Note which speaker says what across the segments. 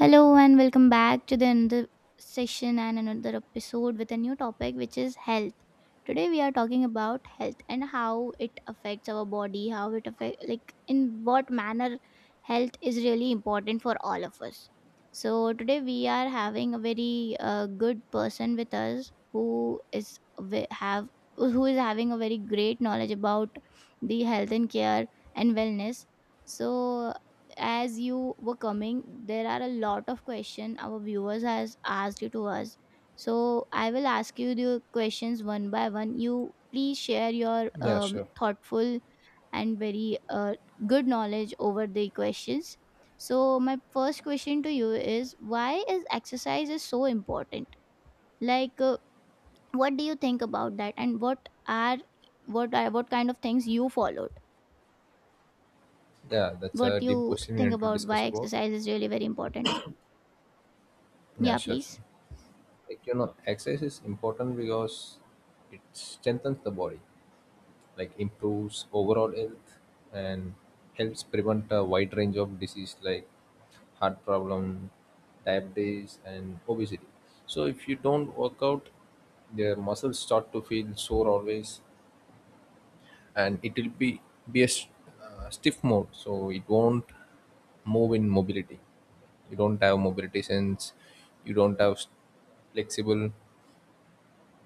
Speaker 1: Hello and welcome back to the another session and another episode with a new topic, which is health. Today we are talking about health and how it affects our body, how it affect, like, in what manner health is really important for all of us. So today we are having a very good person with us who is ve- have who is having a very great knowledge about the health and care and wellness. So as you were coming, there are a lot of question our viewers has asked you to us, so I will ask you the questions one by one. You please share your
Speaker 2: Yeah, sure.
Speaker 1: thoughtful and very good knowledge over the questions. So my first question to you is, why is exercise is so important, like, what do you think about that, and what kind of things you followed,
Speaker 2: Yeah, that's a
Speaker 1: what
Speaker 2: deep
Speaker 1: you
Speaker 2: question we
Speaker 1: think
Speaker 2: need to
Speaker 1: about
Speaker 2: discuss
Speaker 1: why
Speaker 2: about.
Speaker 1: exercise is really very important?
Speaker 2: Yeah,
Speaker 1: Yeah,
Speaker 2: sure, sure.
Speaker 1: please.
Speaker 2: Like, you know, exercise is important because it strengthens the body, like improves overall health and helps prevent a wide range of disease like heart problem, diabetes and obesity. So if you don't work out, your muscles start to feel sore always and it will be a stiff mode so it won't move in mobility. You don't have mobility sense, you don't have flexible.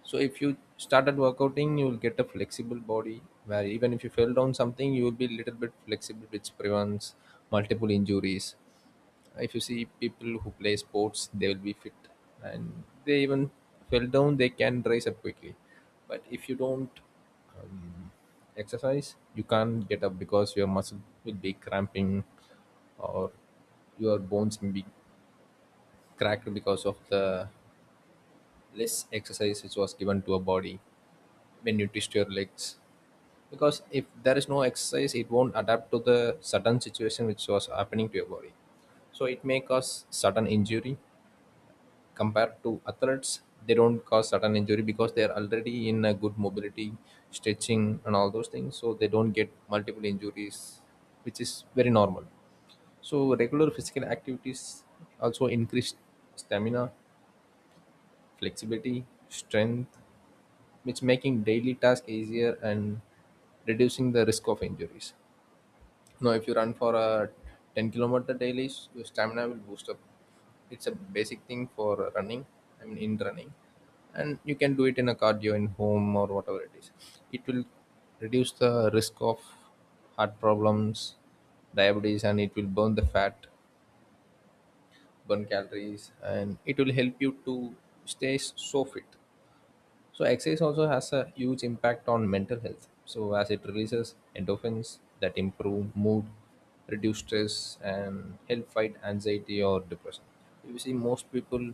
Speaker 2: So if you started workouting you will get a flexible body, where even if you fell down something you will be little bit flexible, which prevents multiple injuries. If you see people who play sports they will be fit, and they even fell down they can rise up quickly. But if you don't exercise you can't get up because your muscle will be cramping, or your bones will be cracked because of the less exercise which was given to a body when you twist your legs. Because if there is no exercise it won't adapt to the sudden situation which was happening to your body, so it may cause sudden injury. Compared to athletes, they don't cause sudden injury because they're already in a good mobility, stretching and all those things, so they don't get multiple injuries, which is very normal. So regular physical activities also increase stamina, flexibility, strength, which making daily task easier and reducing the risk of injuries. No, if you run for a 10-kilometer daily, your stamina will boost up. It's a basic thing for running, I mean, in running. And you can do it in a cardio in home or whatever it is. It will reduce the risk of heart problems, diabetes, and it will burn the fat, burn calories, and it will help you to stay so fit. So exercise also has a huge impact on mental health. So as it releases endorphins that improve mood, reduce stress, and help fight anxiety or depression. You see, most people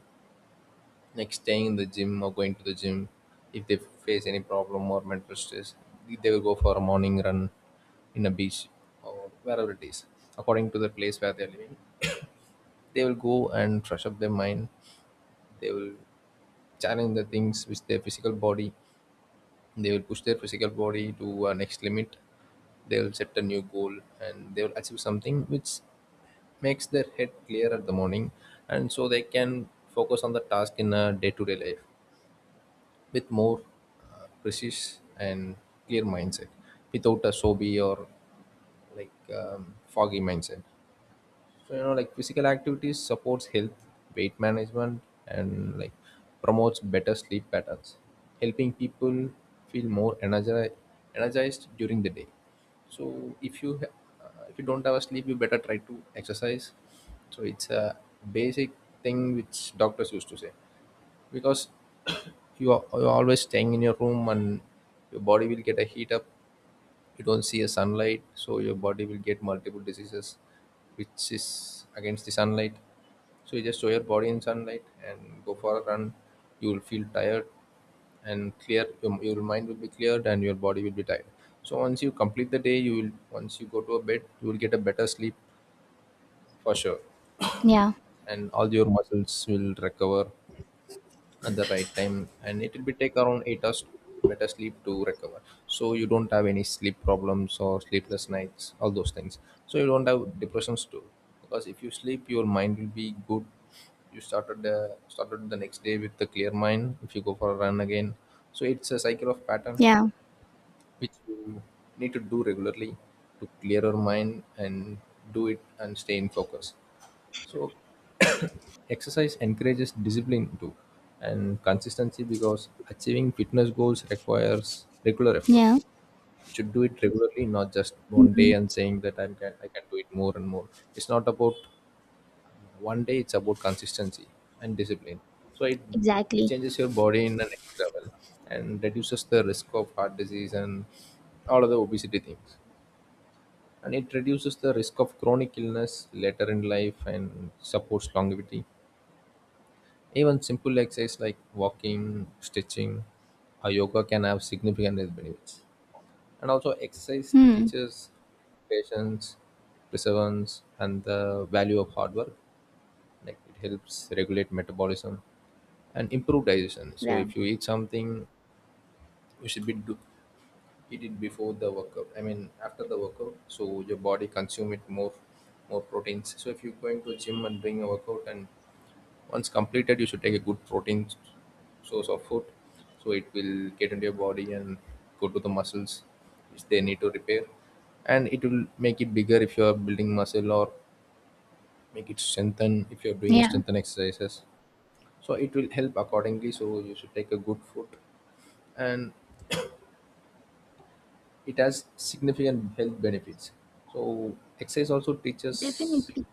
Speaker 2: like staying in the gym or going to the gym, if they face any problem or mental stress, they will go for a morning run in a beach or wherever it is, according to the place where they are living. They will go and fresh up their mind. They will challenge the things which their physical body, they will push their physical body to next limit. They'll set a new goal and they will achieve something which makes their head clear at the morning, and so they can focus on the task in a day-to-day life with more precise and clear mindset, without a sobby or like foggy mindset. So you know, like physical activities supports health, weight management, and like promotes better sleep patterns, helping people feel energized during the day. So if if you don't have a sleep, you better try to exercise. So it's a basic thing which doctors used to say, because you're always staying in your room and your body will get a heat up. You don't see a sunlight, so your body will get multiple diseases which is against the sunlight. So you just show your body in sunlight and go for a run, you will feel tired and clear your mind will be cleared and your body will be tired. So once you complete the day you will, once you go to a bed you will get a better sleep for sure,
Speaker 1: Yeah.
Speaker 2: and all your muscles will recover at the right time, and it will be take around 8 hours better sleep to recover. So you don't have any sleep problems or sleepless nights, all those things. So you don't have depressions too, because if you sleep your mind will be good. You started the next day with the clear mind, if you go for a run again. So it's a cycle of pattern
Speaker 1: Yeah.
Speaker 2: which you need to do regularly, to clear your mind and do it and stay in focus. So exercise encourages discipline too and consistency, because achieving fitness goals requires regular effort.
Speaker 1: Yeah.
Speaker 2: You should do it regularly, not just one
Speaker 1: Hmm.
Speaker 2: day and saying that I can do it more and more. It's not about one day; it's about consistency and discipline. So it
Speaker 1: Exactly.
Speaker 2: changes your body in the next level, and reduces the risk of heart disease and all of the obesity things. And it reduces the risk of chronic illness later in life and supports longevity. Even simple exercise like walking, stretching, or yoga can have significant health benefits. And also, exercise
Speaker 1: Hmm.
Speaker 2: teaches patience, perseverance, and the value of hard work. Like it helps regulate metabolism and improve digestion. So
Speaker 1: Yeah.
Speaker 2: if you eat something, you should eat it before the workout. I mean, after the workout, so your body consume it more, more proteins. So if you're going to a gym and doing a workout, and once completed you should take a good source of food, so it will get into your body and go to the muscles which they need to repair, and it will make it bigger if you are building muscle, or make it strengthen if you are doing
Speaker 1: Yeah.
Speaker 2: strengthen exercises. So it will help accordingly, so you should take a good food, and it has significant health benefits. So exercise also teaches
Speaker 1: Definitely.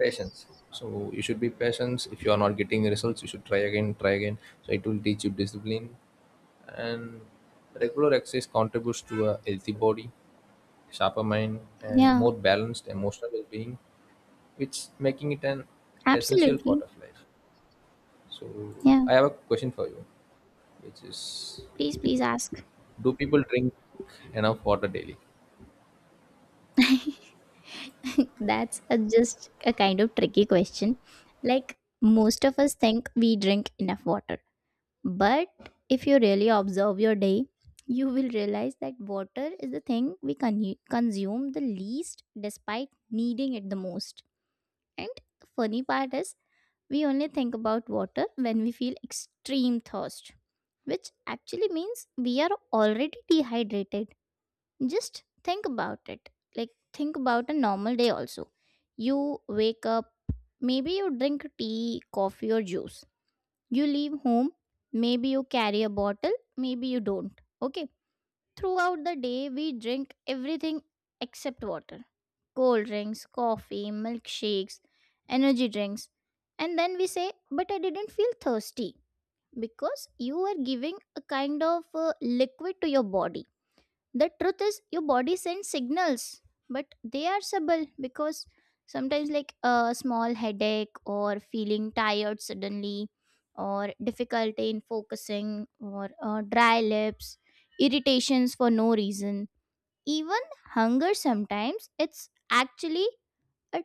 Speaker 2: patience, so you should be patient. If you are not getting results you should try again, so it will teach you discipline. And regular exercise contributes to a healthy body, sharper mind, and
Speaker 1: Yeah.
Speaker 2: more balanced emotional well-being, which making it an essential part
Speaker 1: Absolutely.
Speaker 2: of life. So
Speaker 1: Yeah.
Speaker 2: I have a question for you, which is,
Speaker 1: Please, please ask.
Speaker 2: do people drink enough water daily?
Speaker 1: That's a, just a kind of tricky question. Like, most of us think we drink enough water. But if you really observe your day, you will realize that water is the thing we consume the least despite needing it the most. And the funny part is, we only think about water when we feel extreme thirst, which actually means we are already dehydrated. Just think about it. Like, think about a normal day also. You wake up, maybe you drink tea, coffee, or juice. You leave home, maybe you carry a bottle, maybe you don't. Okay. Throughout the day, we drink everything except water: cold drinks, coffee, milkshakes, energy drinks. And then we say, but I didn't feel thirsty, because you were giving a kind of liquid to your body. The truth is, your body sends signals, but they are subtle, because sometimes, like a small headache or feeling tired suddenly, or difficulty in focusing, or dry lips, irritations for no reason, even hunger sometimes, it's actually uh,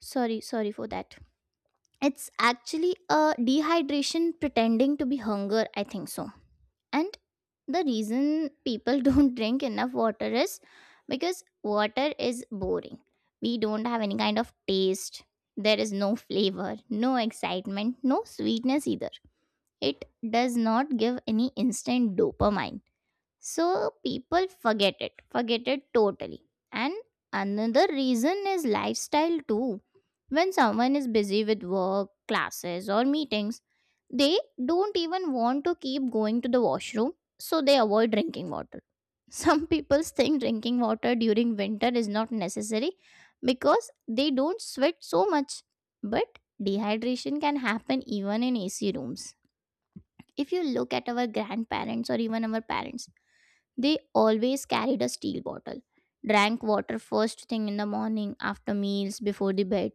Speaker 1: sorry, sorry for that. It's actually a dehydration pretending to be hunger, I think so. And the reason people don't drink enough water is because water is boring. We don't have any kind of taste. There is no flavor, no excitement, no sweetness either. It does not give any instant dopamine. So people forget it totally. And another reason is lifestyle too. When someone is busy with work, classes, or meetings, they don't even want to keep going to the washroom, so they avoid drinking water. Some people think drinking water during winter is not necessary because they don't sweat so much. But dehydration can happen even in AC rooms. If you look at our grandparents or even our parents, they always carried a steel bottle, drank water first thing in the morning, after meals, before the bed.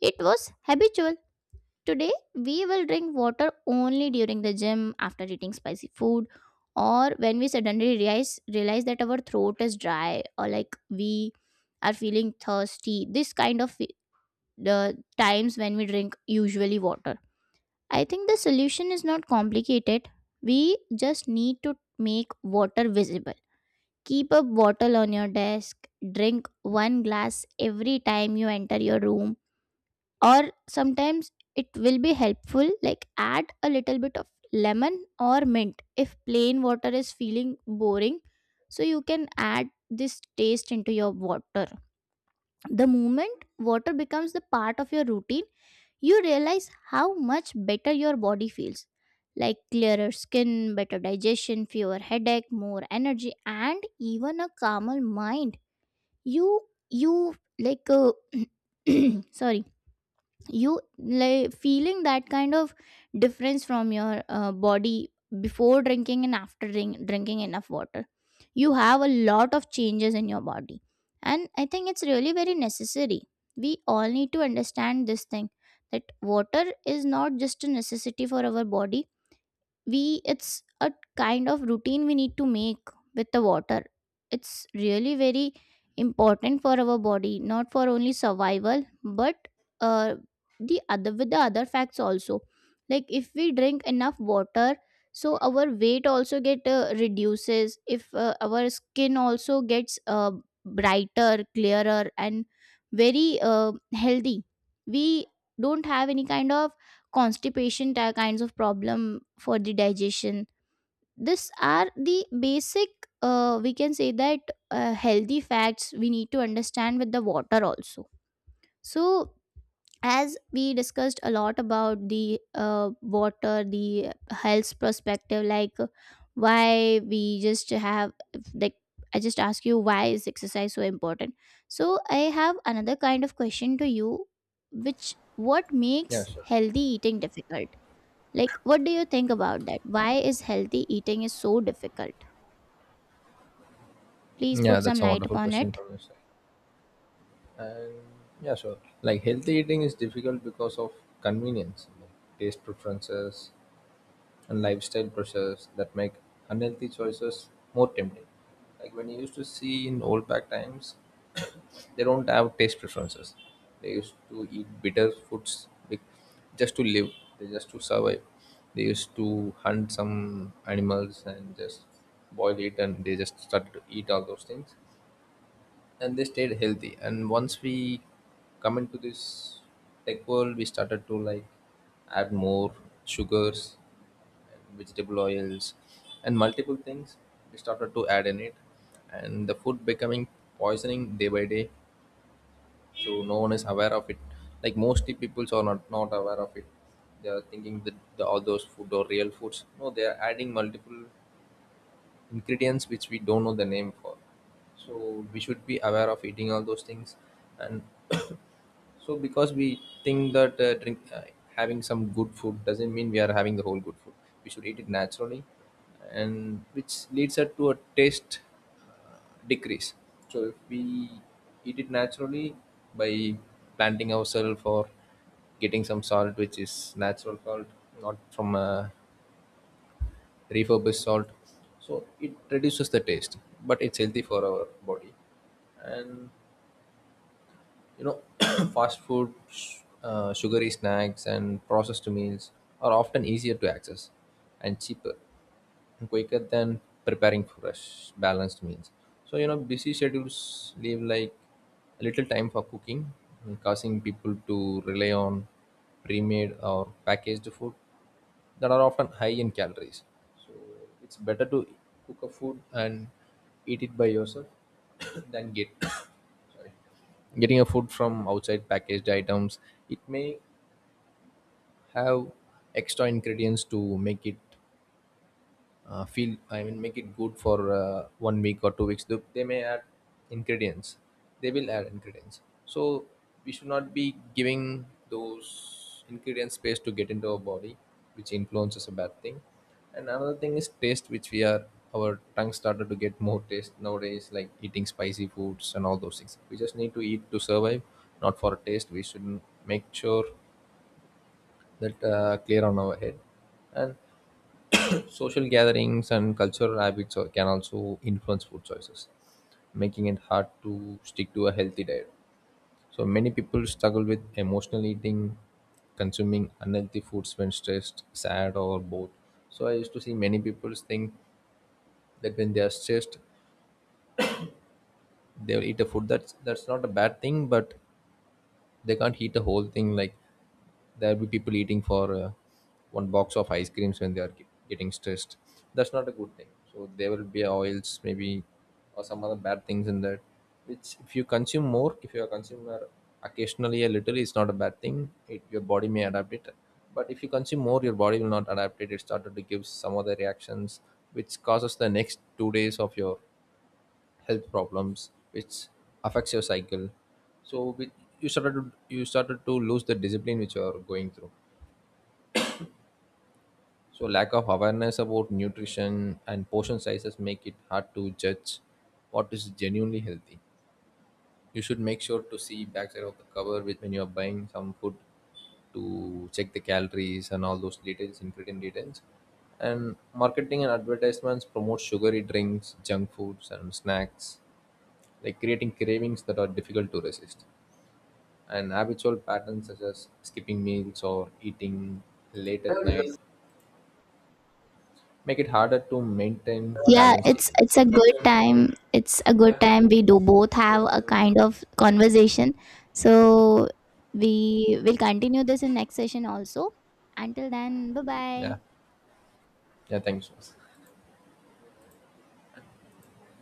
Speaker 1: It was habitual. Today, we will drink water only during the gym, after eating spicy food, or when we suddenly realize that our throat is dry, or like we are feeling thirsty. This kind of fe- The times when we drink usually water. I think the solution is not complicated. We just need to make water visible. Keep a bottle on your desk, drink one glass every time you enter your room, or sometimes it will be helpful, like add a little bit of lemon or mint if plain water is feeling boring, so you can add this taste into your water. The moment water becomes the part of your routine, you realize how much better your body feels, like clearer skin, better digestion, fewer headache, more energy, and even a calmer mind. You you like sorry, you like feeling that kind of difference from your body before drinking and after drinking enough water. You have a lot of changes in your body, and I think it's really very necessary. We all need to understand this thing, that water is not just a necessity for our body. We, it's a kind of routine we need to make with the water. It's really very important for our body, not for only survival, but uh, the other, with the other facts also. Like, if we drink enough water, so our weight also get reduces, if our skin also gets brighter, clearer, and very healthy. We don't have any kind of kinds of problem for the digestion. These are the basic, we can say that, healthy facts we need to understand with the water also. So as we discussed a lot about the water, the health perspective, like, why we just have like I just ask you, why is exercise so important? So I have another kind of question to you, which, what
Speaker 2: Yeah,
Speaker 1: makes
Speaker 2: sure.
Speaker 1: healthy eating difficult? Like, what do you think about that? Why is healthy eating is so difficult? Please
Speaker 2: Yeah,
Speaker 1: put some
Speaker 2: that's a
Speaker 1: light
Speaker 2: wonderful
Speaker 1: upon
Speaker 2: question
Speaker 1: it.
Speaker 2: from your side. And yeah, sure. Like healthy eating is difficult because of convenience, like taste preferences, and lifestyle pressures that make unhealthy choices more tempting. Like when you used to see in old back times, they don't have taste preferences. They used to eat bitter foods just to live. They just to survive. They used to hunt some animals and just boil it, and they just started to eat all those things, and they stayed healthy. And once we come into this tech world we started to like add more sugars and vegetable oils and multiple things we started to add in it, and the food becoming poisoning day by day. So no one is aware of it, like mostly people are not aware of it. They are thinking that all those food are real foods. No, they are adding multiple ingredients which we don't know the name for. So we should be aware of eating all those things, and so because we think that drink having some good food doesn't mean we are having the whole good food. We should eat it naturally, and which leads us to a taste uh, decrease. So if we eat it naturally, by planting ourselves or getting some salt which is natural salt, not from a refurbished salt. So it reduces the taste, but it's healthy for our body. And you know, fast food, sugary snacks, and processed meals are often easier to access and cheaper and quicker than preparing fresh, balanced meals. So you know, busy schedules leave like little time for cooking, causing people to rely on pre-made or packaged food that are often high in calories. So it's better to cook a food and eat it by yourself, than get sorry, getting a food from outside packaged items. It may have extra ingredients to make it feel I mean make it good for 1 week or 2 weeks. They may add ingredients, they will add ingredients, so we should not be giving those ingredients space to get into our body, which influences a bad thing. And another thing is taste, which we are, our tongue started to get more taste nowadays like eating spicy foods and all those things. We just need to eat to survive, not for taste. We should make sure that clear on our head. And social gatherings and cultural habits can also influence food choices, making it hard to stick to a healthy diet. So many people struggle with emotional eating, consuming unhealthy foods when stressed, sad, or bored. So I used to see many people think that when they are stressed, they'll eat a food. That's not a bad thing, but they can't eat the whole thing. Like there'll be people eating for one box of ice creams when they are getting stressed. That's not a good thing. So there will be oils maybe, or some other bad things in that, which if you consume more, if you are consumer occasionally a little it's not a bad thing, it, your body may adapt it. But if you consume more, your body will not adapt it, it started to give some other reactions which causes the next 2 days of your health problems, which affects your cycle. So with, you started to lose the discipline which you are going through. So lack of awareness about nutrition and portion sizes make it hard to judge what is genuinely healthy. You should make sure to see backside of the cover with when you are buying some food, to check the calories and all those details, ingredient details. And marketing and advertisements promote sugary drinks, junk foods and snacks, like creating cravings that are difficult to resist. And habitual patterns such as skipping meals or eating late at night make it harder to maintain
Speaker 1: Yeah,
Speaker 2: balanced
Speaker 1: it's
Speaker 2: eating.
Speaker 1: it's a good
Speaker 2: So
Speaker 1: time. It's a good time. We do both have a kind of conversation. So we will continue this in next session also. Until then, bye bye.
Speaker 2: yeah, yeah, thank you so much.